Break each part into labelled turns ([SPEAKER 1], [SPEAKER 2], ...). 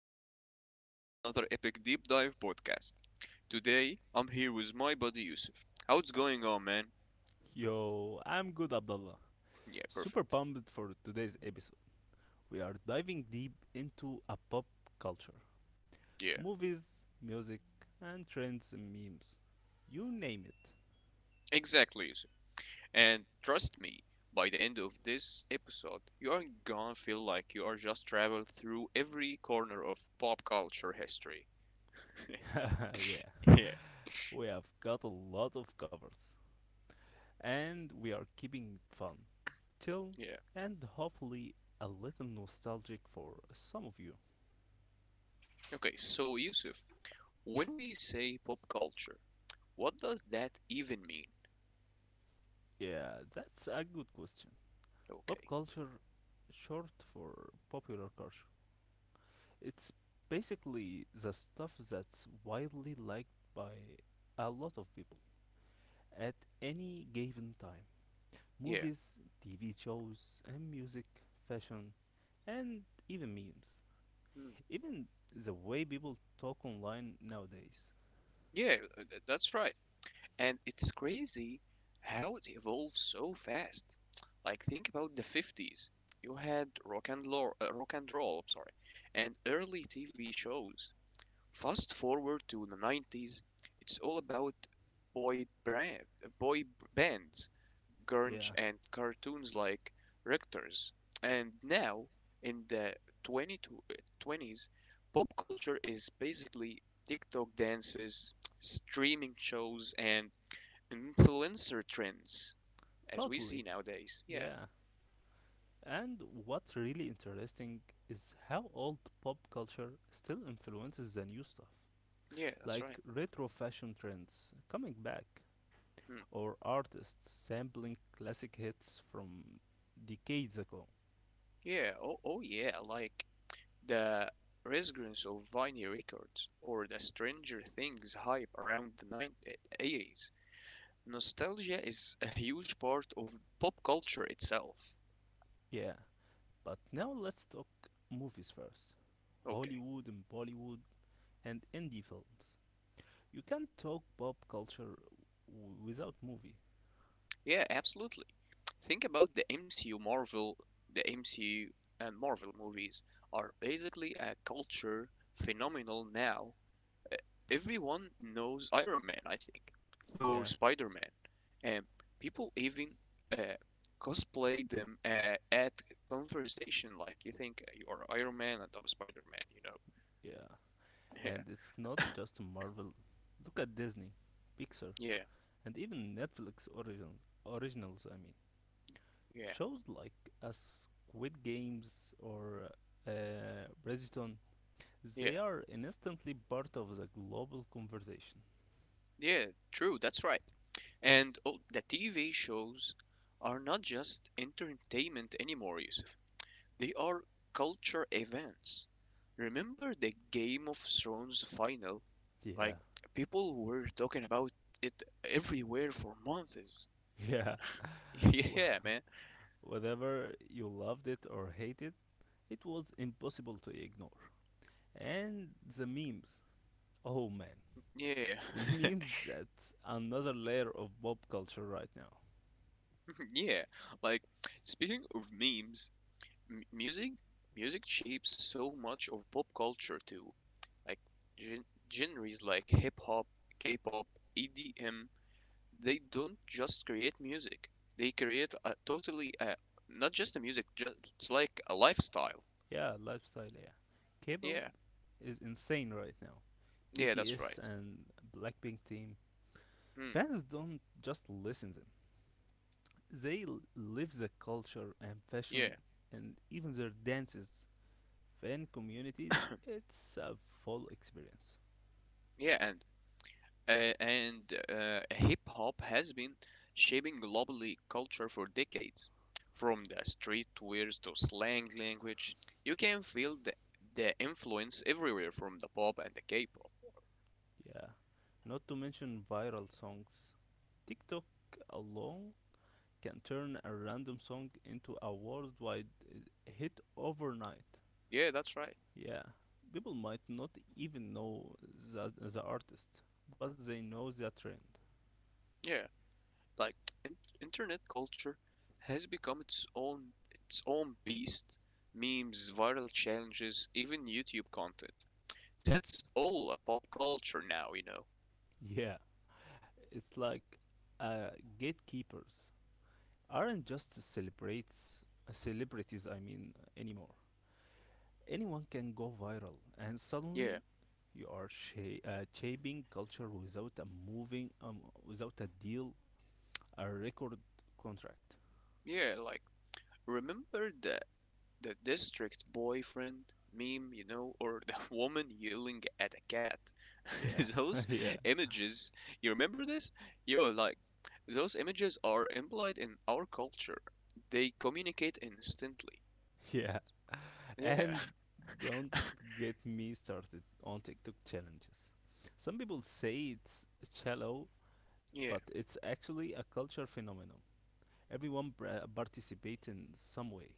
[SPEAKER 1] and welcome back to another epic deep dive podcast. Today I'm here with my buddy Yusuf. How's going on man?
[SPEAKER 2] Yo, I'm good, Abdullah.
[SPEAKER 1] Yeah,
[SPEAKER 2] Super
[SPEAKER 1] perfect.
[SPEAKER 2] pumped for today's episode. We are diving deep into a pop culture
[SPEAKER 1] Yeah,
[SPEAKER 2] movies, music, and trends and memes. You name it.
[SPEAKER 1] exactly Yusuf. And trust me, by the end of this episode, you are gonna feel like you are just traveled through every corner of pop culture history.
[SPEAKER 2] yeah,
[SPEAKER 1] yeah,
[SPEAKER 2] we have got a lot of covers. And we are keeping it fun, chill,
[SPEAKER 1] yeah.
[SPEAKER 2] and hopefully a little nostalgic for some of you.
[SPEAKER 1] Okay, so Yusuf, when we say pop culture, what does that even mean?
[SPEAKER 2] Yeah, that's a good question. Pop
[SPEAKER 1] Okay.
[SPEAKER 2] culture, short for popular culture. It's basically the stuff that's widely liked by a lot of people at any given time
[SPEAKER 1] Yeah.
[SPEAKER 2] movies, TV shows, and music, fashion, and even memes.
[SPEAKER 1] Hmm.
[SPEAKER 2] Even the way people talk online nowadays.
[SPEAKER 1] Yeah, that's right. And it's crazy how it evolved so fast. Like think about the 50s. You had rock and roll, I'm sorry, and early TV shows. Fast forward to the 90s, it's all about boy brand, boy b- bands grunge
[SPEAKER 2] Yeah,
[SPEAKER 1] and cartoons like Rectors. And now, in the 2020s, pop culture is basically TikTok dances, streaming shows, and influencer trends, as we
[SPEAKER 2] totally.
[SPEAKER 1] see nowadays. Yeah,
[SPEAKER 2] Yeah. And what's really interesting is how old pop culture still influences the new stuff.
[SPEAKER 1] yeah, that's right.
[SPEAKER 2] Like retro fashion trends coming back,
[SPEAKER 1] Hmm.
[SPEAKER 2] or artists sampling classic hits from decades ago.
[SPEAKER 1] Yeah, oh yeah, like the resurgence of vinyl records or the Stranger Things hype around the 90, nostalgia is a huge part of pop culture itself.
[SPEAKER 2] Yeah, but now let's talk movies first.
[SPEAKER 1] Okay.
[SPEAKER 2] Hollywood and Bollywood and indie films. You can't talk pop culture without movie.
[SPEAKER 1] Yeah, absolutely. Think about the MCU and Marvel movies are basically a culture phenomenal now. Uh, Everyone knows Iron Man, I think, Thor,
[SPEAKER 2] Yeah,
[SPEAKER 1] Spider-Man, and people even uh, cosplay them at conversation like you think you are Iron Man and I'm Spider-Man, you know.
[SPEAKER 2] yeah.
[SPEAKER 1] Yeah.
[SPEAKER 2] And it's not just Marvel. Look at Disney, Pixar,
[SPEAKER 1] Yeah.
[SPEAKER 2] and even Netflix originals, I mean.
[SPEAKER 1] Yeah.
[SPEAKER 2] Shows like a Squid Games or Bridgerton, they
[SPEAKER 1] Yeah.
[SPEAKER 2] are instantly part of the global conversation.
[SPEAKER 1] Yeah, true, that's right. And oh, the TV shows are not just entertainment anymore, Yusuf. They are culture events. Remember the Game of Thrones final? Like,
[SPEAKER 2] Yeah,
[SPEAKER 1] people were talking about it everywhere for months.
[SPEAKER 2] yeah.
[SPEAKER 1] Yeah, man.
[SPEAKER 2] Whether you loved it or hated it, it was impossible to ignore. And the memes. Oh man,
[SPEAKER 1] Yeah.
[SPEAKER 2] the memes, that's another layer of pop culture right now.
[SPEAKER 1] Yeah. Like, speaking of memes, m music, music shapes so much of pop culture too. Like gen- genres like hip hop, K-pop, EDM, they don't just create music. They create a totally not just a music, just it's like a lifestyle.
[SPEAKER 2] Yeah, lifestyle, yeah. K-pop
[SPEAKER 1] Yeah,
[SPEAKER 2] is insane right now.
[SPEAKER 1] yeah, that's right.
[SPEAKER 2] BTS and Blackpink team.
[SPEAKER 1] Hmm.
[SPEAKER 2] Fans don't just listen to them. They live the culture and fashion
[SPEAKER 1] yeah,
[SPEAKER 2] and even their dances. Fan communities, it's a full experience.
[SPEAKER 1] yeah, and, hip hop has been shaping globally culture for decades. From the street words to slang language, you can feel the influence everywhere from the pop and the K-pop.
[SPEAKER 2] Yeah. Not to mention viral songs. TikTok alone can turn a random song into a worldwide hit overnight.
[SPEAKER 1] Yeah, that's right.
[SPEAKER 2] Yeah. People might not even know the artist, but they know the trend.
[SPEAKER 1] Yeah. Like internet culture has become its own beast. Memes, viral challenges, even YouTube content. That's all a pop culture now, you know.
[SPEAKER 2] Yeah. It's like uh, gatekeepers aren't just celebrates celebrities I mean anymore. Anyone can go viral and
[SPEAKER 1] Yeah,
[SPEAKER 2] suddenly you are shaping culture without a moving without a deal a record contract.
[SPEAKER 1] yeah, like remember the district boyfriend meme, you know, or the woman yelling at a cat.
[SPEAKER 2] Yeah.
[SPEAKER 1] Those
[SPEAKER 2] Yeah,
[SPEAKER 1] images, you remember this? Yo, like those images are implied in our culture. They communicate instantly.
[SPEAKER 2] yeah,
[SPEAKER 1] Yeah.
[SPEAKER 2] and don't get me started on TikTok challenges. Some people say it's shallow,
[SPEAKER 1] Yeah,
[SPEAKER 2] but it's actually a culture phenomenon. Everyone participates in some way,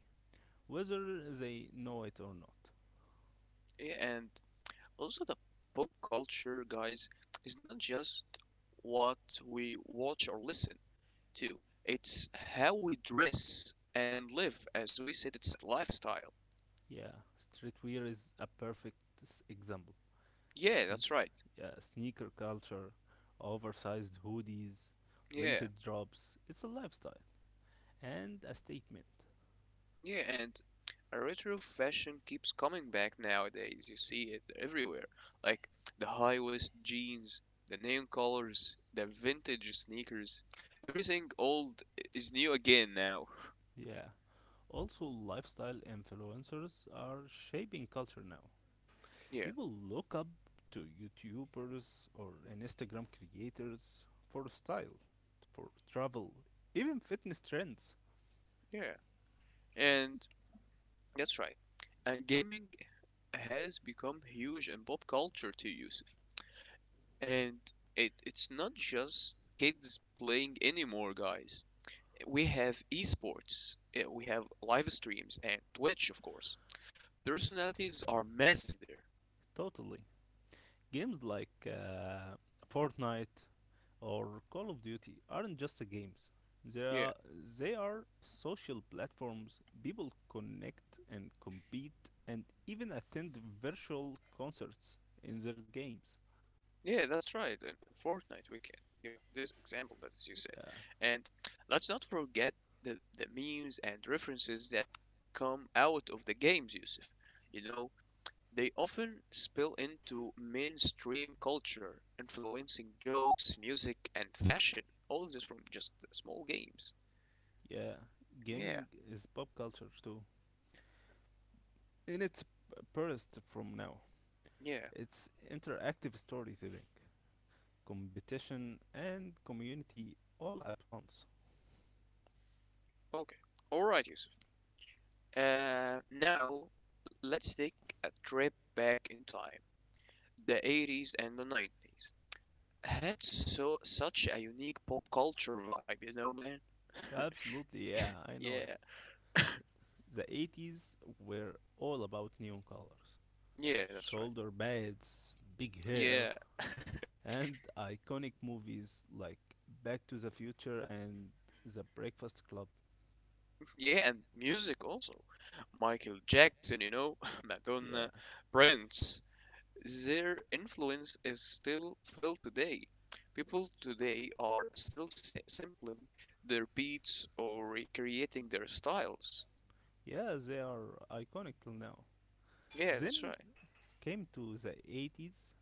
[SPEAKER 2] whether they know it or not.
[SPEAKER 1] yeah, and also the pop culture, guys, is not just what we watch or listen to. It's how we dress and live. As we said, it's a lifestyle.
[SPEAKER 2] Yeah, streetwear is a perfect example.
[SPEAKER 1] Yeah,
[SPEAKER 2] Sn-
[SPEAKER 1] that's right.
[SPEAKER 2] yeah, Sneaker culture, oversized hoodies,
[SPEAKER 1] Yeah,
[SPEAKER 2] limited drops. It's a lifestyle and a statement.
[SPEAKER 1] yeah, and a retro fashion keeps coming back nowadays. You see it everywhere. Like the high waist jeans, the neon colors, the vintage sneakers. Everything old is new again now.
[SPEAKER 2] Yeah. Also, lifestyle influencers are shaping culture now.
[SPEAKER 1] Yeah,
[SPEAKER 2] People look up to YouTubers or Instagram creators for style, for travel, even fitness trends.
[SPEAKER 1] yeah. And that's right. And gaming has become huge in pop culture too, Yusuf. And it's not just kids playing anymore, guys. We have esports, eh, we have live streams, and Twitch, of course. Personalities are massive there.
[SPEAKER 2] Totally. Games like Fortnite, or Call of Duty aren't just a games. They
[SPEAKER 1] Yeah,
[SPEAKER 2] are, they are social platforms people connect and compete and even attend virtual concerts in their games.
[SPEAKER 1] yeah, that's right. And Fortnite, we can give this example that as you said.
[SPEAKER 2] Yeah,
[SPEAKER 1] And let's not forget the memes and references that come out of the games, Yusuf. You know, they often spill into mainstream culture, influencing jokes, music, and fashion. All of this from just small games.
[SPEAKER 2] yeah.
[SPEAKER 1] Yeah,
[SPEAKER 2] Gaming is pop culture too. In its purest from now,
[SPEAKER 1] yeah.
[SPEAKER 2] it's interactive storytelling, competition, and community all at once.
[SPEAKER 1] Okay. All right, Yusuf. Now, let's take a trip back in time. The 80s and the 90s had so such a unique pop culture vibe, you know, man.
[SPEAKER 2] Absolutely, yeah, I know
[SPEAKER 1] Yeah,
[SPEAKER 2] it. The 80s were all about neon colors,
[SPEAKER 1] yeah, that's right.
[SPEAKER 2] shoulder pads, big hair,
[SPEAKER 1] Yeah.
[SPEAKER 2] and iconic movies like Back to the Future and The Breakfast Club.
[SPEAKER 1] Yeah, and music also. Michael Jackson, you know, Madonna,
[SPEAKER 2] Yeah.
[SPEAKER 1] Prince. Their influence is still felt today. People today are still sampling their beats or recreating their styles.
[SPEAKER 2] Yeah, they are iconic till now.
[SPEAKER 1] Yeah, that's
[SPEAKER 2] Then
[SPEAKER 1] right.
[SPEAKER 2] came to the 80s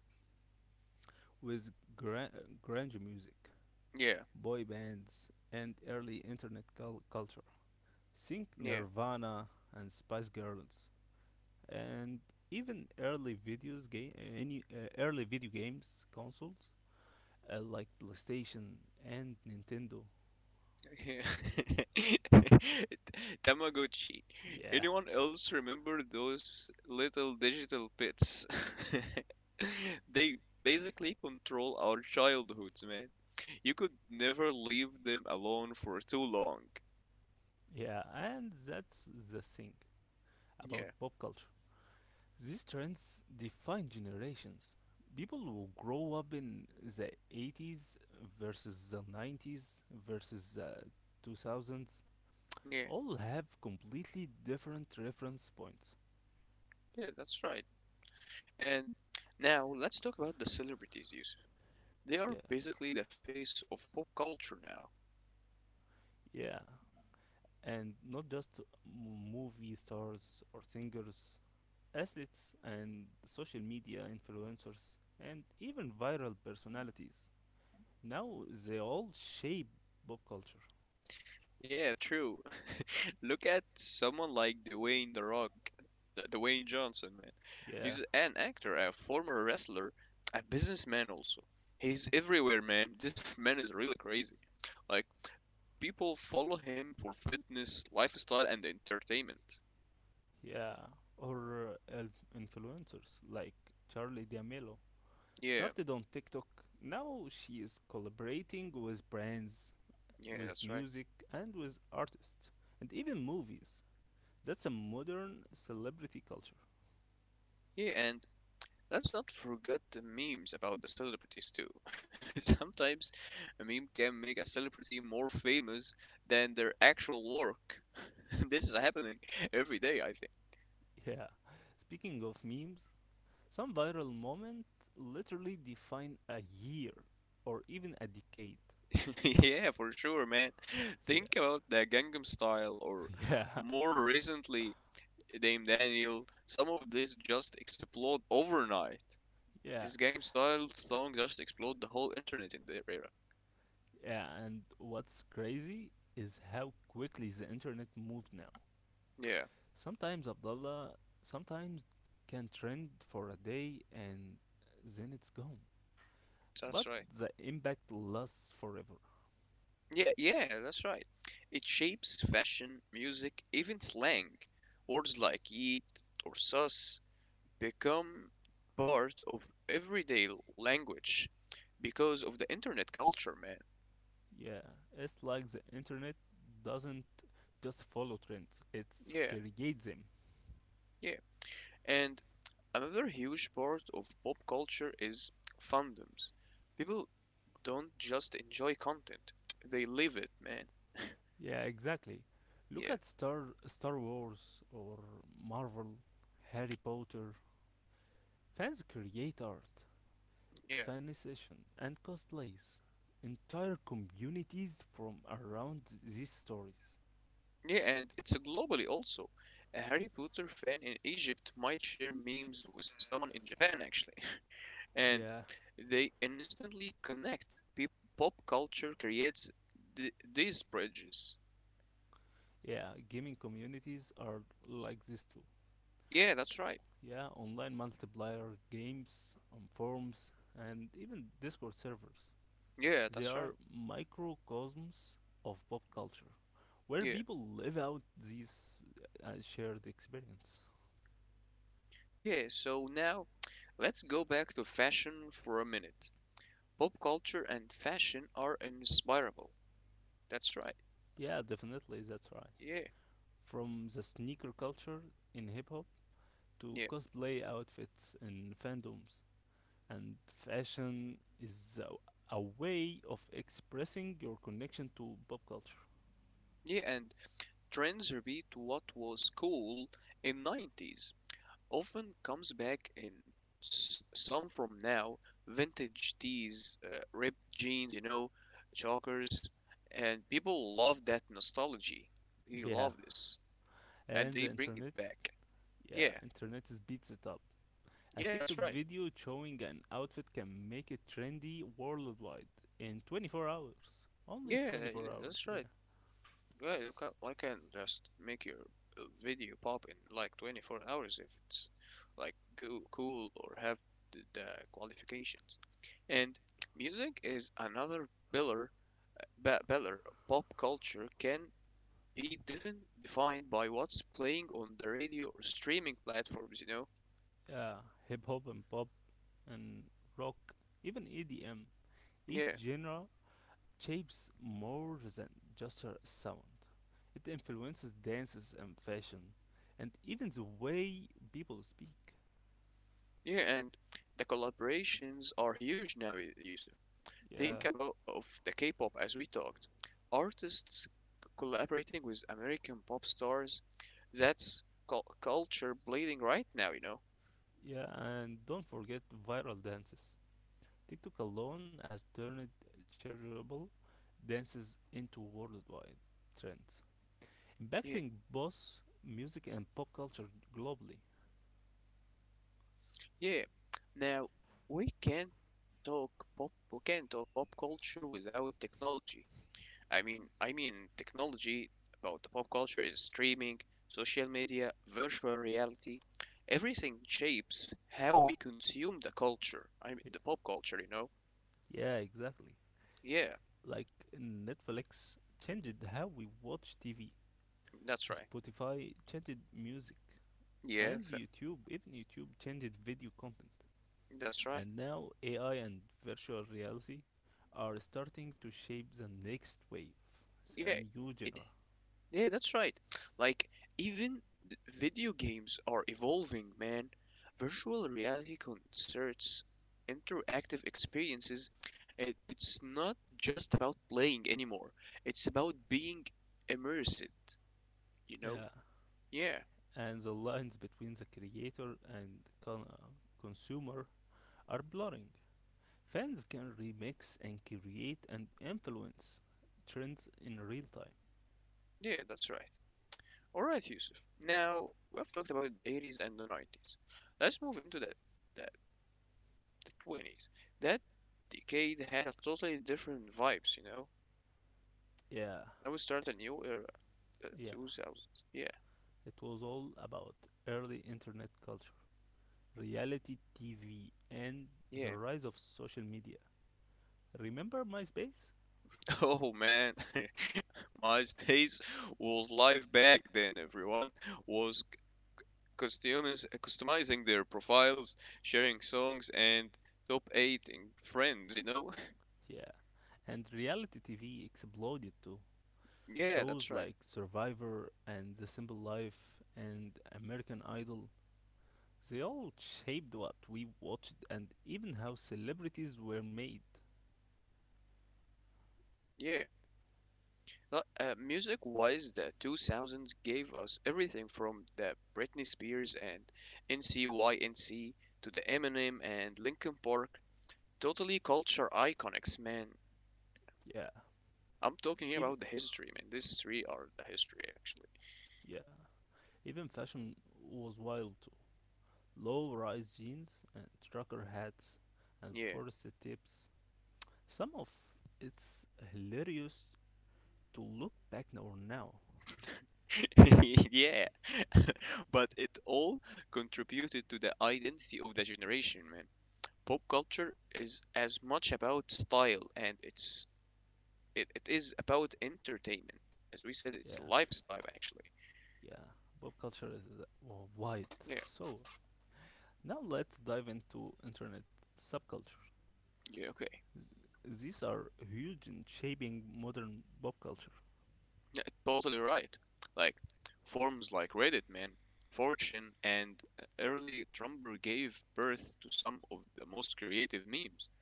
[SPEAKER 2] with grunge music,
[SPEAKER 1] Yeah,
[SPEAKER 2] boy bands, and early internet culture. Think
[SPEAKER 1] yeah.
[SPEAKER 2] Nirvana and Spice Girls, and even early video games consoles like PlayStation and Nintendo.
[SPEAKER 1] Yeah. Tamagotchi.
[SPEAKER 2] Yeah,
[SPEAKER 1] Anyone else remember those little digital bits? They basically control our childhoods. You could never leave them alone for too long.
[SPEAKER 2] yeah, and that's the thing about
[SPEAKER 1] Yeah,
[SPEAKER 2] pop culture. These trends define generations. People who grow up in the 80s versus the 90s versus the 2000s
[SPEAKER 1] yeah,
[SPEAKER 2] all have completely different reference points.
[SPEAKER 1] yeah, that's right. And now let's talk about the celebrities, Yusuf. They
[SPEAKER 2] Yeah,
[SPEAKER 1] are basically the face of pop culture now.
[SPEAKER 2] yeah. And not just movie stars or singers, assets and social media influencers and even viral personalities. Now they all shape pop culture.
[SPEAKER 1] Yeah, true. Look at someone like Dwayne The Rock, Dwayne Johnson, man.
[SPEAKER 2] Yeah,
[SPEAKER 1] He's an actor, a former wrestler, a businessman also. He's everywhere, man. This man is really crazy. Like, people follow him for fitness, lifestyle, and entertainment.
[SPEAKER 2] yeah. Or influencers like Charlie D'Amelio
[SPEAKER 1] Yeah,
[SPEAKER 2] started on TikTok. Now she is collaborating with brands,
[SPEAKER 1] yeah,
[SPEAKER 2] with
[SPEAKER 1] that's right.
[SPEAKER 2] music, and with artists, and even movies. That's a modern celebrity culture.
[SPEAKER 1] Yeah, and let's not forget the memes about the celebrities too. Sometimes a meme can make a celebrity more famous than their actual work. This is happening every day, I
[SPEAKER 2] Yeah. Speaking of memes, some viral moments literally define a year or even a decade.
[SPEAKER 1] think. Yeah, for sure, man.
[SPEAKER 2] Yeah,
[SPEAKER 1] Think about the Gangnam Style or
[SPEAKER 2] yeah,
[SPEAKER 1] more recently Dame Daniel. Some of this just explode overnight.
[SPEAKER 2] yeah,
[SPEAKER 1] This Gangnam Style song just explode the whole internet in the era.
[SPEAKER 2] yeah. And what's crazy is how quickly the internet moved now.
[SPEAKER 1] Yeah,
[SPEAKER 2] Sometimes Abdullah, sometimes can trend for a day and then it's gone.
[SPEAKER 1] that's
[SPEAKER 2] But
[SPEAKER 1] right.
[SPEAKER 2] the impact lasts forever.
[SPEAKER 1] Yeah, that's right. It shapes fashion, music, even slang. Words like yeet or sus become part of everyday language because of the internet culture, man.
[SPEAKER 2] Yeah, it's like the internet doesn't just follow trends; it
[SPEAKER 1] Yeah,
[SPEAKER 2] creates them.
[SPEAKER 1] yeah. And another huge part of pop culture is fandoms. People don't just enjoy content, they live it, man.
[SPEAKER 2] Yeah, exactly. Look
[SPEAKER 1] Yeah,
[SPEAKER 2] at Star Wars or Marvel, Harry Potter. Fans create art,
[SPEAKER 1] yeah.
[SPEAKER 2] fan session, and cosplays. Entire communities from around these stories.
[SPEAKER 1] Yeah, and it's globally also. A Harry Potter fan in Egypt might share memes with someone in Japan, actually, and
[SPEAKER 2] Yeah,
[SPEAKER 1] they instantly connect. Peop Pop culture creates th these bridges.
[SPEAKER 2] yeah, gaming communities are like this too.
[SPEAKER 1] Yeah, that's right.
[SPEAKER 2] Yeah, online multiplayer games on forums and even Discord servers.
[SPEAKER 1] Yeah,
[SPEAKER 2] They
[SPEAKER 1] that's right.
[SPEAKER 2] are microcosms of pop culture, where
[SPEAKER 1] Yeah.
[SPEAKER 2] people live out these shared experience.
[SPEAKER 1] Yeah, so now let's go back to fashion for a minute. Pop culture and fashion are inspirable. That's right.
[SPEAKER 2] Yeah, definitely, that's right.
[SPEAKER 1] Yeah.
[SPEAKER 2] From the sneaker culture in hip hop to
[SPEAKER 1] Yeah.
[SPEAKER 2] cosplay outfits in fandoms, and fashion is a way of expressing your connection to pop culture.
[SPEAKER 1] Yeah, and trends repeat what was cool in 90s. Often comes back in some from now vintage tees, ripped jeans, you know, chalkers, and people love that nostalgia. They
[SPEAKER 2] Yeah,
[SPEAKER 1] love this, and
[SPEAKER 2] and the
[SPEAKER 1] they bring
[SPEAKER 2] internet.
[SPEAKER 1] it back.
[SPEAKER 2] Yeah,
[SPEAKER 1] Yeah,
[SPEAKER 2] internet is beats it up. A
[SPEAKER 1] yeah,
[SPEAKER 2] TikTok
[SPEAKER 1] that's right.
[SPEAKER 2] video showing an outfit can make it trendy worldwide in 24 hours. Only
[SPEAKER 1] Yeah,
[SPEAKER 2] 24 hours,
[SPEAKER 1] that's
[SPEAKER 2] yeah.
[SPEAKER 1] right. Yeah, you can, I can just make your video pop in like 24 hours if it's like go cool or have the qualifications. And music is another pillar Beller, pop culture can be defined by what's playing on the radio or streaming platforms, you know?
[SPEAKER 2] Yeah, hip hop and pop and rock, even EDM. Each
[SPEAKER 1] Yeah,
[SPEAKER 2] genre shapes more than just a sound. It influences dances and fashion, and even the way people speak.
[SPEAKER 1] yeah, and the collaborations are huge now, Yusuf.
[SPEAKER 2] Yeah,
[SPEAKER 1] Think about of the K-pop as we talked. Artists collaborating with American pop stars, that's culture bleeding right now, you know?
[SPEAKER 2] yeah, and don't forget viral dances. TikTok alone has turned charitable dances into worldwide trends,
[SPEAKER 1] Yeah,
[SPEAKER 2] impacting both music and pop culture globally.
[SPEAKER 1] yeah. Now, we can't we can't talk pop culture without technology. I mean technology, about the pop culture is streaming, social media, virtual reality. Everything shapes how we consume the culture. I mean,
[SPEAKER 2] Y-
[SPEAKER 1] the pop culture, you know?
[SPEAKER 2] Yeah, exactly.
[SPEAKER 1] Yeah,
[SPEAKER 2] Like Netflix changed how we watch TV,
[SPEAKER 1] that's right.
[SPEAKER 2] Spotify changed music,
[SPEAKER 1] Yeah,
[SPEAKER 2] and YouTube, even YouTube changed video content.
[SPEAKER 1] that's right.
[SPEAKER 2] And now AI and virtual reality are starting to shape the next wave, it's a
[SPEAKER 1] Yeah,
[SPEAKER 2] new
[SPEAKER 1] i
[SPEAKER 2] genre.
[SPEAKER 1] Yeah, that's right. Like, even video games are evolving, man. Virtual reality concerts, interactive experiences, it's not just about playing anymore. It's about being immersed, you know?
[SPEAKER 2] Yeah.
[SPEAKER 1] Yeah,
[SPEAKER 2] And the lines between the creator and consumer are blurring. Fans can remix and create and influence trends in real time.
[SPEAKER 1] yeah, that's right. Alright, Yusuf. Now, we've talked about the 80s and the 90s. Let's move into the, the 20s. That decade had a totally different vibes, you know?
[SPEAKER 2] Yeah,
[SPEAKER 1] Now we start a new era. The
[SPEAKER 2] yeah.
[SPEAKER 1] 2000s. Yeah,
[SPEAKER 2] It was all about early internet culture, reality TV, and the
[SPEAKER 1] yeah.
[SPEAKER 2] rise of social media. Remember MySpace?
[SPEAKER 1] Oh man, MySpace was live back then. Everyone was customizing their profiles, sharing songs, and top eight in friends. You know.
[SPEAKER 2] Yeah. And reality TV exploded too.
[SPEAKER 1] Yeah,
[SPEAKER 2] Shows
[SPEAKER 1] that's right.
[SPEAKER 2] like Survivor and The Simple Life and American Idol, they all shaped what we watched and even how celebrities were made.
[SPEAKER 1] Yeah. Music wise, the 2000s gave us everything from the Britney Spears and NCYNC to the Eminem and Linkin Park. Totally culture iconics, man.
[SPEAKER 2] Yeah.
[SPEAKER 1] I'm talking
[SPEAKER 2] Even
[SPEAKER 1] about the history, man. These three are the history, actually.
[SPEAKER 2] yeah. Even fashion was wild too. Low rise jeans and trucker hats and
[SPEAKER 1] Yeah.
[SPEAKER 2] forested tips. Some of it's hilarious to look back now now.
[SPEAKER 1] Yeah. But it all contributed to the identity of the generation, man. Pop culture is as much about style and it is about entertainment. As we said, it's
[SPEAKER 2] Yeah,
[SPEAKER 1] lifestyle, actually.
[SPEAKER 2] yeah. Pop culture is wide.
[SPEAKER 1] Yeah.
[SPEAKER 2] So now let's dive into internet subculture.
[SPEAKER 1] Yeah, okay.
[SPEAKER 2] These are huge in shaping modern pop culture.
[SPEAKER 1] Yeah, totally right. Like forms like Reddit, man, 4chan, and early Tumblr gave birth to some of the most creative memes.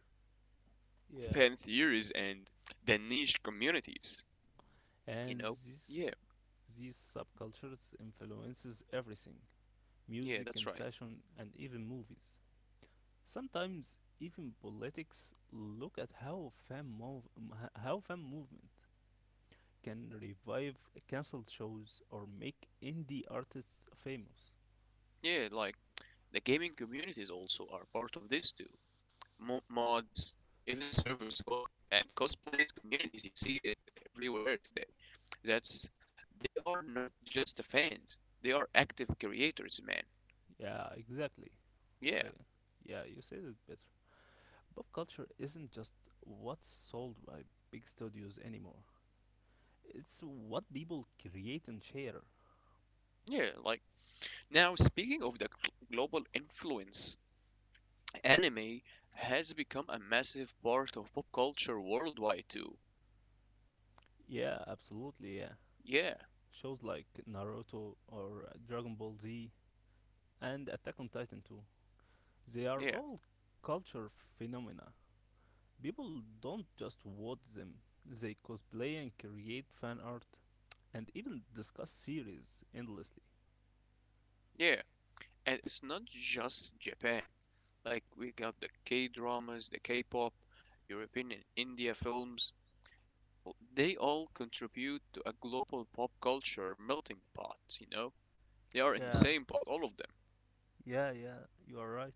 [SPEAKER 2] Yeah,
[SPEAKER 1] Fan theories and the niche communities. You
[SPEAKER 2] and
[SPEAKER 1] know? Yeah,
[SPEAKER 2] these subcultures influences everything,
[SPEAKER 1] yeah,
[SPEAKER 2] music
[SPEAKER 1] that's
[SPEAKER 2] and
[SPEAKER 1] right.
[SPEAKER 2] fashion and even movies. Sometimes even politics, look at how fan mov- m- h- how fan movement can revive cancelled shows or make indie artists famous.
[SPEAKER 1] Yeah, like the gaming communities also are part of this too. Mods, even servers, and cosplays communities. You see it everywhere today. That's they are not just the fans; they are active creators, man.
[SPEAKER 2] Yeah, exactly.
[SPEAKER 1] Yeah,
[SPEAKER 2] I yeah, you said it better. Pop culture isn't just what's sold by big studios anymore. It's what people create and share.
[SPEAKER 1] yeah. Like now, speaking of the global influence, anime has become a massive part of pop culture worldwide too.
[SPEAKER 2] Yeah, absolutely. Yeah,
[SPEAKER 1] Yeah,
[SPEAKER 2] shows like Naruto or Dragon Ball Z and Attack on Titan too. They are
[SPEAKER 1] Yeah,
[SPEAKER 2] all culture phenomena. People don't just watch them, they cosplay and create fan art and even discuss series endlessly.
[SPEAKER 1] yeah. And it's not just Japan. Like we got the K-dramas, the K-pop, European and India films. Well, they all contribute to a global pop culture melting pot, you know? They are in the
[SPEAKER 2] Yeah,
[SPEAKER 1] same pot, all of them.
[SPEAKER 2] yeah, yeah, you are right.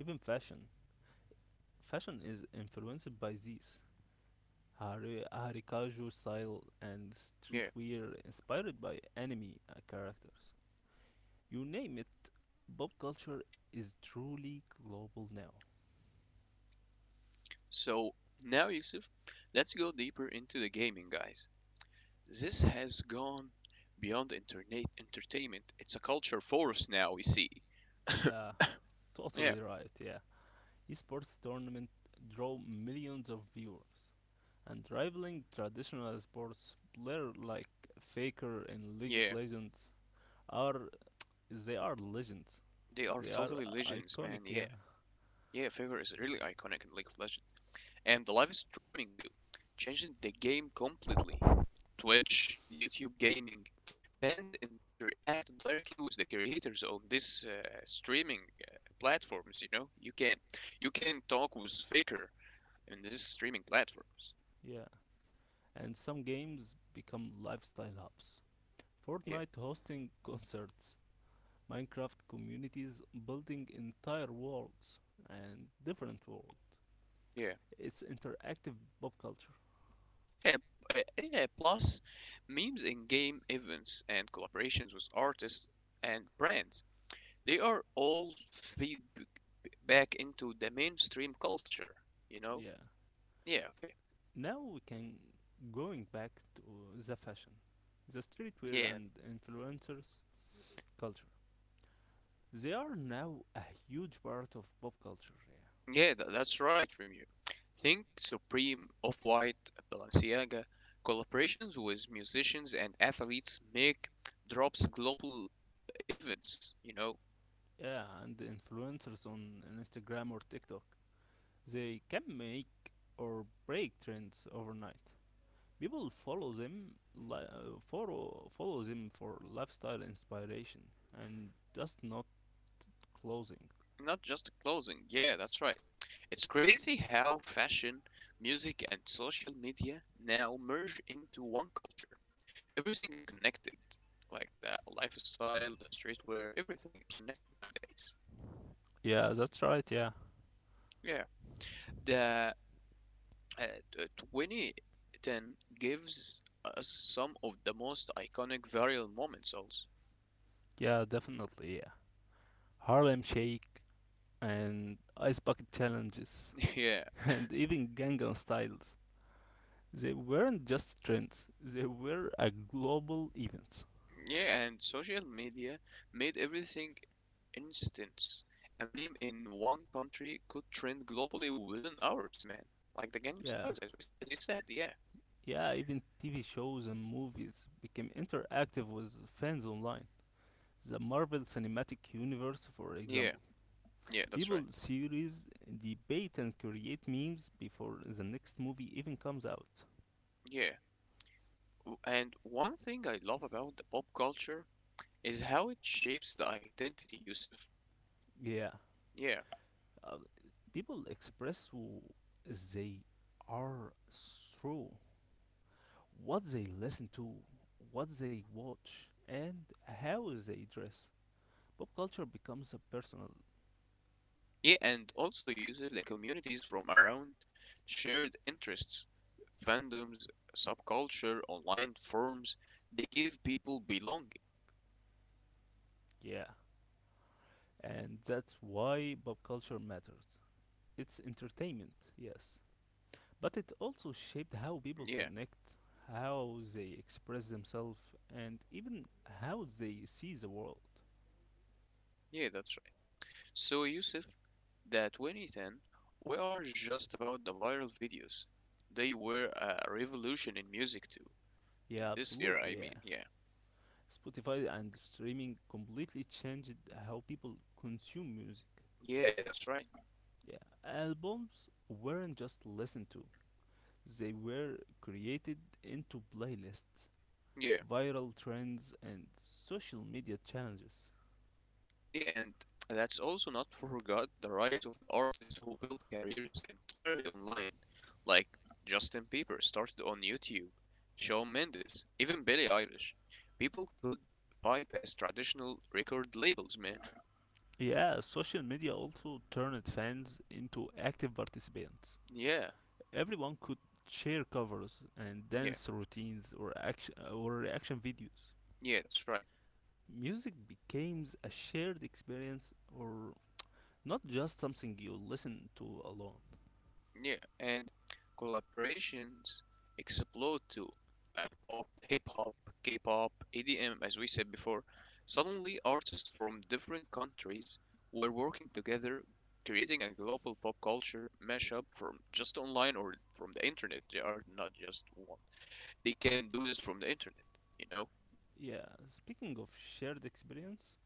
[SPEAKER 2] Even fashion. Fashion is influenced by these. Harikaju style and
[SPEAKER 1] Yeah.
[SPEAKER 2] streetwear inspired by anime characters. You name it, pop culture is truly global now.
[SPEAKER 1] So now, Yusuf, let's go deeper into the gaming, guys. This has gone beyond internet entertainment. It's a culture force now, we see.
[SPEAKER 2] Yeah,
[SPEAKER 1] Yeah,
[SPEAKER 2] totally right, yeah. Esports tournaments draw millions of viewers, and rivaling traditional sports, players like Faker in League of
[SPEAKER 1] yeah.
[SPEAKER 2] Legends are they are legends.
[SPEAKER 1] They are
[SPEAKER 2] They are
[SPEAKER 1] totally legends,
[SPEAKER 2] iconic,
[SPEAKER 1] man.
[SPEAKER 2] yeah,
[SPEAKER 1] Yeah. Yeah, Favor is really iconic in League of Legends. And the live streaming too, changing the game completely. Twitch, YouTube gaming. Fans interact directly with the creators on these streaming platforms, you know? You can talk with Faker in these streaming platforms.
[SPEAKER 2] yeah. And some games become lifestyle hubs.
[SPEAKER 1] Yeah,
[SPEAKER 2] Fortnite hosting concerts, Minecraft communities building entire worlds and different worlds.
[SPEAKER 1] yeah.
[SPEAKER 2] It's interactive pop culture.
[SPEAKER 1] Yeah, yeah, plus memes in game events and collaborations with artists and brands. They are all feed back into the mainstream culture, you know?
[SPEAKER 2] Yeah.
[SPEAKER 1] Yeah, okay.
[SPEAKER 2] Now we can going back to the fashion, the streetwear
[SPEAKER 1] Yeah,
[SPEAKER 2] and influencers culture. They are now a huge part of pop culture. Yeah,
[SPEAKER 1] that's right, Remu. Think Supreme, Off-White, Balenciaga. Collaborations with musicians and athletes make drops global events, you know?
[SPEAKER 2] yeah, and the influencers on Instagram or TikTok, they can make or break trends overnight. People follow them, follow them for lifestyle inspiration and just not clothing.
[SPEAKER 1] Not just clothing. Yeah, that's right. It's crazy how fashion, music, and social media now merge into one culture. Everything is connected. Like the lifestyle, the streetwear, everything is connected nowadays.
[SPEAKER 2] Yeah, that's right. Yeah,
[SPEAKER 1] Yeah, the uh, t- 2010 gives us some of the most iconic viral moments, also.
[SPEAKER 2] yeah, definitely. Yeah, Harlem Shake and ice bucket challenges
[SPEAKER 1] Yeah,
[SPEAKER 2] and even Gangnam styles. They weren't just trends, they were a global event.
[SPEAKER 1] yeah, and social media made everything instant. A meme in one country could trend globally within hours, man. Like the Gangnam
[SPEAKER 2] Yeah.
[SPEAKER 1] Styles, as you said, yeah.
[SPEAKER 2] Yeah, even TV shows and movies became interactive with fans online. The Marvel Cinematic Universe, for
[SPEAKER 1] Yeah,
[SPEAKER 2] example.
[SPEAKER 1] yeah, that's right.
[SPEAKER 2] People series debate and create memes before the next movie even comes out.
[SPEAKER 1] Yeah. And one thing I love about the pop culture is how it shapes the identity, Yusuf.
[SPEAKER 2] Yeah.
[SPEAKER 1] Yeah,
[SPEAKER 2] Uh, people express who they are through what they listen to, what they watch, and how they dress. Pop culture becomes a personal,
[SPEAKER 1] yeah, and also uses like communities from around shared interests, fandoms, subculture, online forums. They give people belonging.
[SPEAKER 2] yeah, and that's why pop culture matters. It's entertainment, yes, but it also shaped how people
[SPEAKER 1] Yeah,
[SPEAKER 2] connect, how they express themselves, and even how they see the world.
[SPEAKER 1] yeah, that's right. So, Yusuf, that 2010 we are just about the viral videos. They were a revolution in music too. In
[SPEAKER 2] Yeah,
[SPEAKER 1] this era,
[SPEAKER 2] absolutely,
[SPEAKER 1] I
[SPEAKER 2] yeah.
[SPEAKER 1] mean, yeah.
[SPEAKER 2] Spotify and streaming completely changed how people consume music.
[SPEAKER 1] Yeah, that's right.
[SPEAKER 2] Yeah, albums weren't just listened to, they were created into playlists,
[SPEAKER 1] Yeah.
[SPEAKER 2] viral trends, and social media challenges.
[SPEAKER 1] Yeah, and that's also not forgot the rise of the artists who built careers entirely online, like Justin Bieber started on YouTube, Shawn Mendes, even Billie Eilish. People could bypass traditional record labels, man.
[SPEAKER 2] Yeah, social media also turned fans into active participants.
[SPEAKER 1] Yeah,
[SPEAKER 2] Everyone could share covers and
[SPEAKER 1] yeah,
[SPEAKER 2] dance routines or action or reaction videos.
[SPEAKER 1] yeah, that's right.
[SPEAKER 2] Music became a shared experience or not just something you listen to alone.
[SPEAKER 1] Yeah, and collaborations explode too, like pop, hip hop, K-pop, EDM, as we said before. Suddenly, artists from different countries were working together, creating a global pop culture mashup from just online or from the internet. They are not just one. They can do this from the internet, you know?
[SPEAKER 2] Yeah, speaking of shared experience,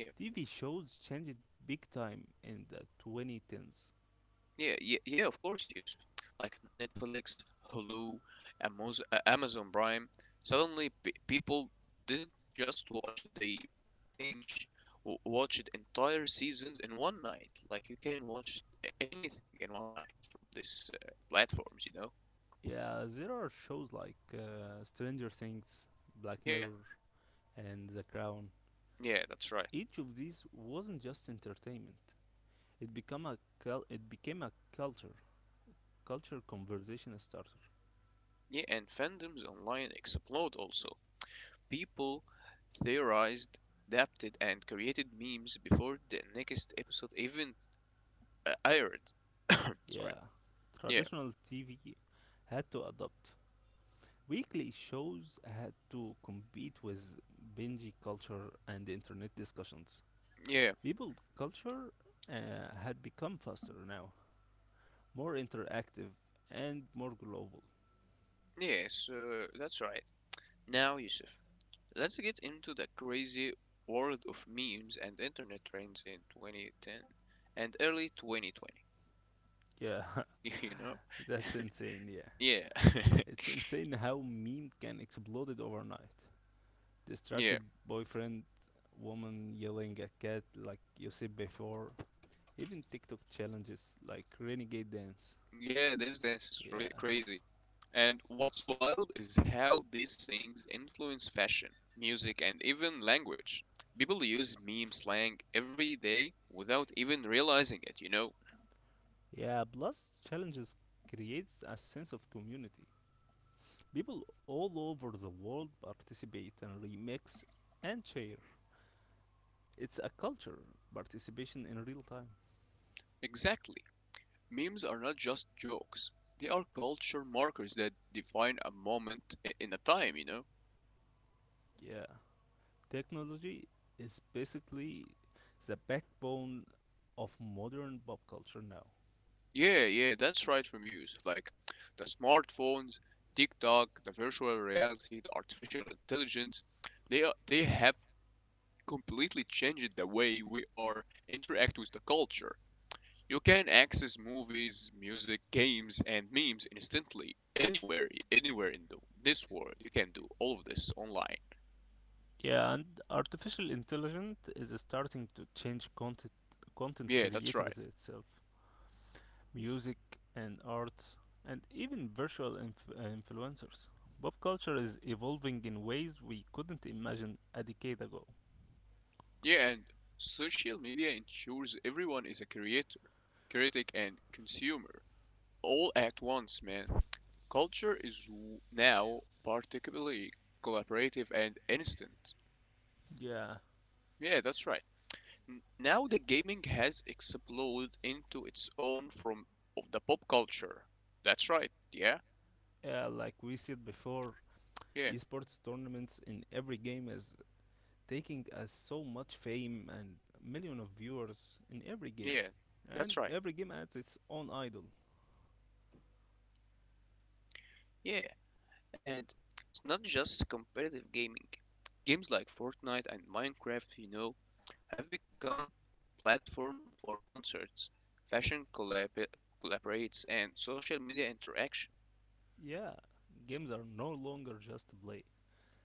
[SPEAKER 1] Yeah.
[SPEAKER 2] TV shows changed big time in the 2010s.
[SPEAKER 1] Yeah, yeah, yeah, of course, Yusuf. Like Netflix, Hulu, Amazon Prime. Suddenly, p people didn't just watch, they binge watched entire seasons in one night. Like you can watch anything in one night from these platforms, you know?
[SPEAKER 2] Yeah, there are shows like Stranger Things, Black
[SPEAKER 1] Yeah,
[SPEAKER 2] Mirror, and The Crown.
[SPEAKER 1] yeah, that's right.
[SPEAKER 2] Each of these wasn't just entertainment. It became a it became a culture, culture conversation starter.
[SPEAKER 1] Yeah, and fandoms online explode also. People theorized, adapted, and created memes before the next episode even aired.
[SPEAKER 2] Yeah,
[SPEAKER 1] Sorry. Yeah,
[SPEAKER 2] traditional TV had to adapt. Weekly shows had to compete with binge culture and internet discussions.
[SPEAKER 1] yeah,
[SPEAKER 2] People culture had become faster now, more interactive and more global.
[SPEAKER 1] yes, that's right. Now, Yusuf, let's get into the crazy world of memes and internet trends in 2010 and early 2020.
[SPEAKER 2] Yeah,
[SPEAKER 1] You know?
[SPEAKER 2] that's insane. Yeah,
[SPEAKER 1] Yeah,
[SPEAKER 2] it's insane how meme can exploded overnight.
[SPEAKER 1] yeah,
[SPEAKER 2] Distracted boyfriend, woman yelling at cat like you said before. Even TikTok challenges like renegade dance.
[SPEAKER 1] yeah, this dance is really
[SPEAKER 2] Yeah,
[SPEAKER 1] crazy. And what's wild is how these things influence fashion, music, and even language. People use meme slang every day without even realizing it, you know?
[SPEAKER 2] yeah. Plus challenges creates a sense of community. People all over the world participate and remix and share. It's a culture, participation in real time.
[SPEAKER 1] Exactly. Memes are not just jokes. They are culture markers that define a moment in a time, you know?
[SPEAKER 2] Yeah. Technology is basically the backbone of modern pop culture now.
[SPEAKER 1] Yeah, yeah, that's right from use. Like the smartphones, TikTok, the virtual reality, the artificial intelligence, they have completely changed the way we are interact with the culture. You can access movies, music, games, and memes instantly anywhere, this world. You can do all of this online.
[SPEAKER 2] Yeah, and artificial intelligence is starting to change content
[SPEAKER 1] Yeah, that's right.
[SPEAKER 2] creators itself, music and arts, and even virtual influencers. Pop culture is evolving in ways we couldn't imagine a decade ago.
[SPEAKER 1] Yeah, and social media ensures everyone is a creator, critic, and consumer all at once, man. Culture is now particularly collaborative and instant.
[SPEAKER 2] Yeah.
[SPEAKER 1] Yeah, that's right. Now the gaming has exploded into its own from of the pop culture. That's right. Yeah.
[SPEAKER 2] Yeah, like we said before,
[SPEAKER 1] Yeah.
[SPEAKER 2] esports tournaments in every game is taking us so much fame and million of viewers in every game
[SPEAKER 1] Yeah. That's
[SPEAKER 2] and
[SPEAKER 1] right.
[SPEAKER 2] every game has its own idol.
[SPEAKER 1] Yeah. And it's not just competitive gaming. Games like Fortnite and Minecraft, you know, have become platform for concerts, fashion collaborates, and social media interaction.
[SPEAKER 2] Yeah, games are no longer just play,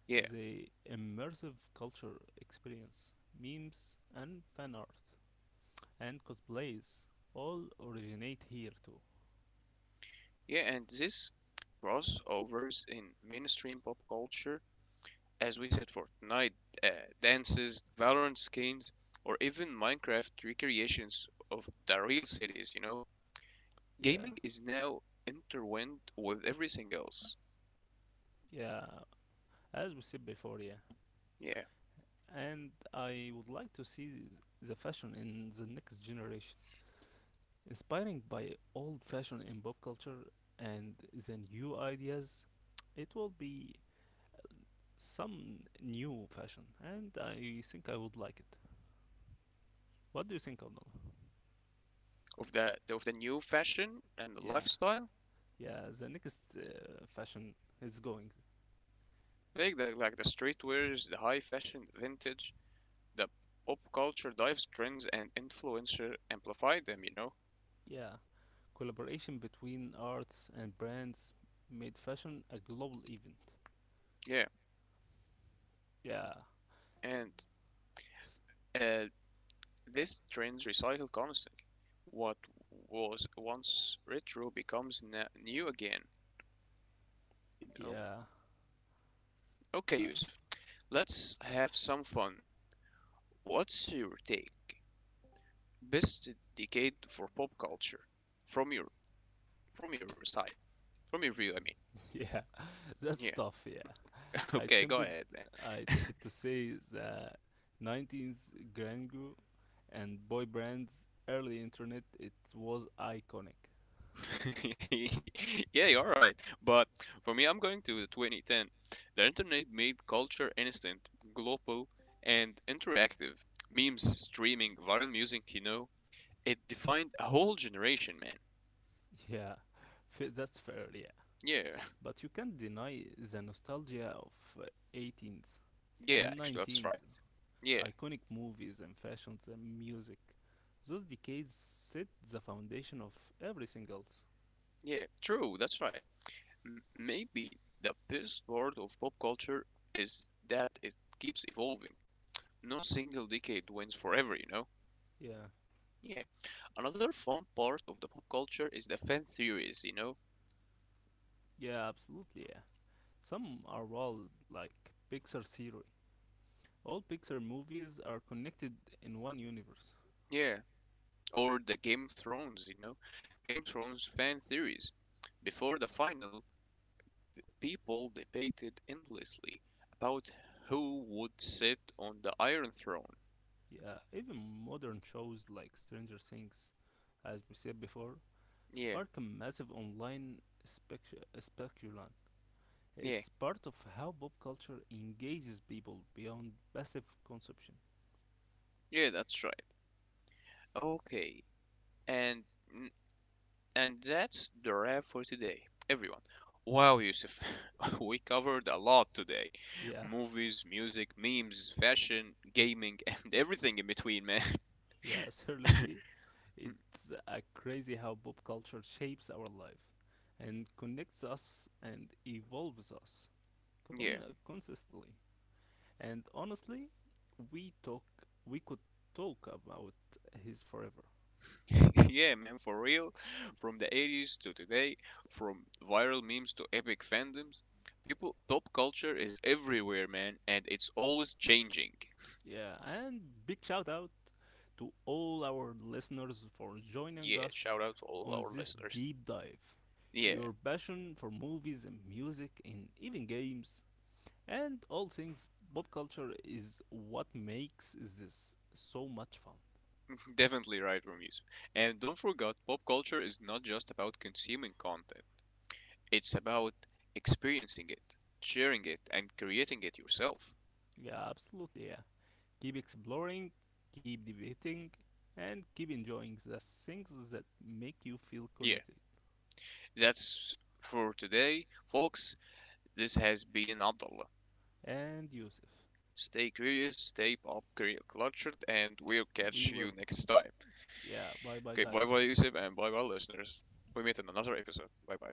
[SPEAKER 1] Yeah,
[SPEAKER 2] they immersive culture experience memes and fan art and cosplays all originate here too.
[SPEAKER 1] yeah, and this crossovers in mainstream pop culture, as we said for tonight, uh, dances, Valorant skins, or even Minecraft recreations of the real cities, you know?
[SPEAKER 2] Yeah,
[SPEAKER 1] Gaming is now intertwined with everything else.
[SPEAKER 2] yeah, as we said before, yeah.
[SPEAKER 1] Yeah,
[SPEAKER 2] And I would like to see the fashion in the next generation inspiring by old fashion in pop culture and the new ideas, it will be some new fashion, and I think I would like it. What do you think, Arnold?
[SPEAKER 1] of the new fashion and the
[SPEAKER 2] Yeah,
[SPEAKER 1] lifestyle.
[SPEAKER 2] yeah, the next fashion is going.
[SPEAKER 1] Like the streetwears, the high fashion, vintage, the pop culture dives trends and influencer amplify them, you know?
[SPEAKER 2] Yeah, collaboration between arts and brands made fashion a global event.
[SPEAKER 1] Yeah.
[SPEAKER 2] Yeah,
[SPEAKER 1] And
[SPEAKER 2] S-
[SPEAKER 1] uh, these trends recycle constantly. What was once retro becomes new again, you know?
[SPEAKER 2] yeah,
[SPEAKER 1] Okay,
[SPEAKER 2] uh,
[SPEAKER 1] Yusuf, let's have some fun. What's your take? Best decade for pop culture from your side, from your view, I mean.
[SPEAKER 2] yeah, that's
[SPEAKER 1] Yeah.
[SPEAKER 2] tough, yeah. I
[SPEAKER 1] Okay, go
[SPEAKER 2] tempted,
[SPEAKER 1] ahead, man.
[SPEAKER 2] I tempted to say the 90s grandeur and boy brands early internet it was iconic.
[SPEAKER 1] Yeah, you're right. But for me, I'm going to 2010. The internet made culture instant, global, and interactive. Memes, streaming, viral music, you know. It defined a whole generation, man.
[SPEAKER 2] Yeah, that's fair, yeah,
[SPEAKER 1] Yeah,
[SPEAKER 2] but you can't deny the nostalgia of uh, 18s
[SPEAKER 1] yeah,
[SPEAKER 2] and
[SPEAKER 1] actually, that's
[SPEAKER 2] 19s
[SPEAKER 1] right. Yeah,
[SPEAKER 2] iconic movies and fashions and music. Those decades set the foundation of everything else.
[SPEAKER 1] yeah, true, that's right. Maybe the best part of pop culture is that it keeps evolving. No single decade wins forever, you know?
[SPEAKER 2] Yeah.
[SPEAKER 1] Yeah. Another fun part of the pop culture is the fan theories, you know?
[SPEAKER 2] Yeah, absolutely, yeah. Some are wild like Pixar theory. All Pixar movies are connected in one universe.
[SPEAKER 1] Yeah, or the Game of Thrones, you know? The Game of Thrones fan theories. Before the final, people debated endlessly about who would sit on the Iron Throne.
[SPEAKER 2] Yeah, even modern shows like Stranger Things, as we said before,
[SPEAKER 1] Yeah,
[SPEAKER 2] spark a massive online spec- speculum.
[SPEAKER 1] yeah,
[SPEAKER 2] It's part of how pop culture engages people beyond passive consumption.
[SPEAKER 1] yeah, that's right. Okay, and n- and that's the wrap for today, everyone. Wow, Yusuf, we covered a lot today.
[SPEAKER 2] Yeah,
[SPEAKER 1] Movies, music, memes, fashion, gaming, and everything in between, man.
[SPEAKER 2] yeah, seriously, it's crazy how pop culture shapes our life and connects us and evolves us con-
[SPEAKER 1] yeah.
[SPEAKER 2] consistently. And honestly, we talk we could talk about his forever.
[SPEAKER 1] yeah, man, for real. From the 80s to today, from viral memes to epic fandoms, people pop culture is everywhere, man, and it's always changing.
[SPEAKER 2] Yeah, and big shout out to all our listeners for joining
[SPEAKER 1] Yeah,
[SPEAKER 2] us
[SPEAKER 1] shout out to all of
[SPEAKER 2] on
[SPEAKER 1] our
[SPEAKER 2] this
[SPEAKER 1] listeners.
[SPEAKER 2] deep dive.
[SPEAKER 1] Yeah,
[SPEAKER 2] Your passion for movies and music and even games and all things pop culture is what makes this so much fun.
[SPEAKER 1] definitely right, Ramesh. And don't forget, pop culture is not just about consuming content. It's about experiencing it, sharing it, and creating it yourself.
[SPEAKER 2] Yeah, absolutely, yeah. Keep exploring, keep debating, and keep enjoying the things that make you feel
[SPEAKER 1] Yeah,
[SPEAKER 2] connected.
[SPEAKER 1] that's for today, folks. This has been Abdullah.
[SPEAKER 2] And Yusuf,
[SPEAKER 1] Stay curious, stay cultured, and we'll
[SPEAKER 2] we
[SPEAKER 1] catch you
[SPEAKER 2] will.
[SPEAKER 1] next time.
[SPEAKER 2] Yeah, bye bye,
[SPEAKER 1] Okay, bye bye,
[SPEAKER 2] guys.
[SPEAKER 1] Yusuf, and bye bye, listeners. We meet in another episode. Bye bye.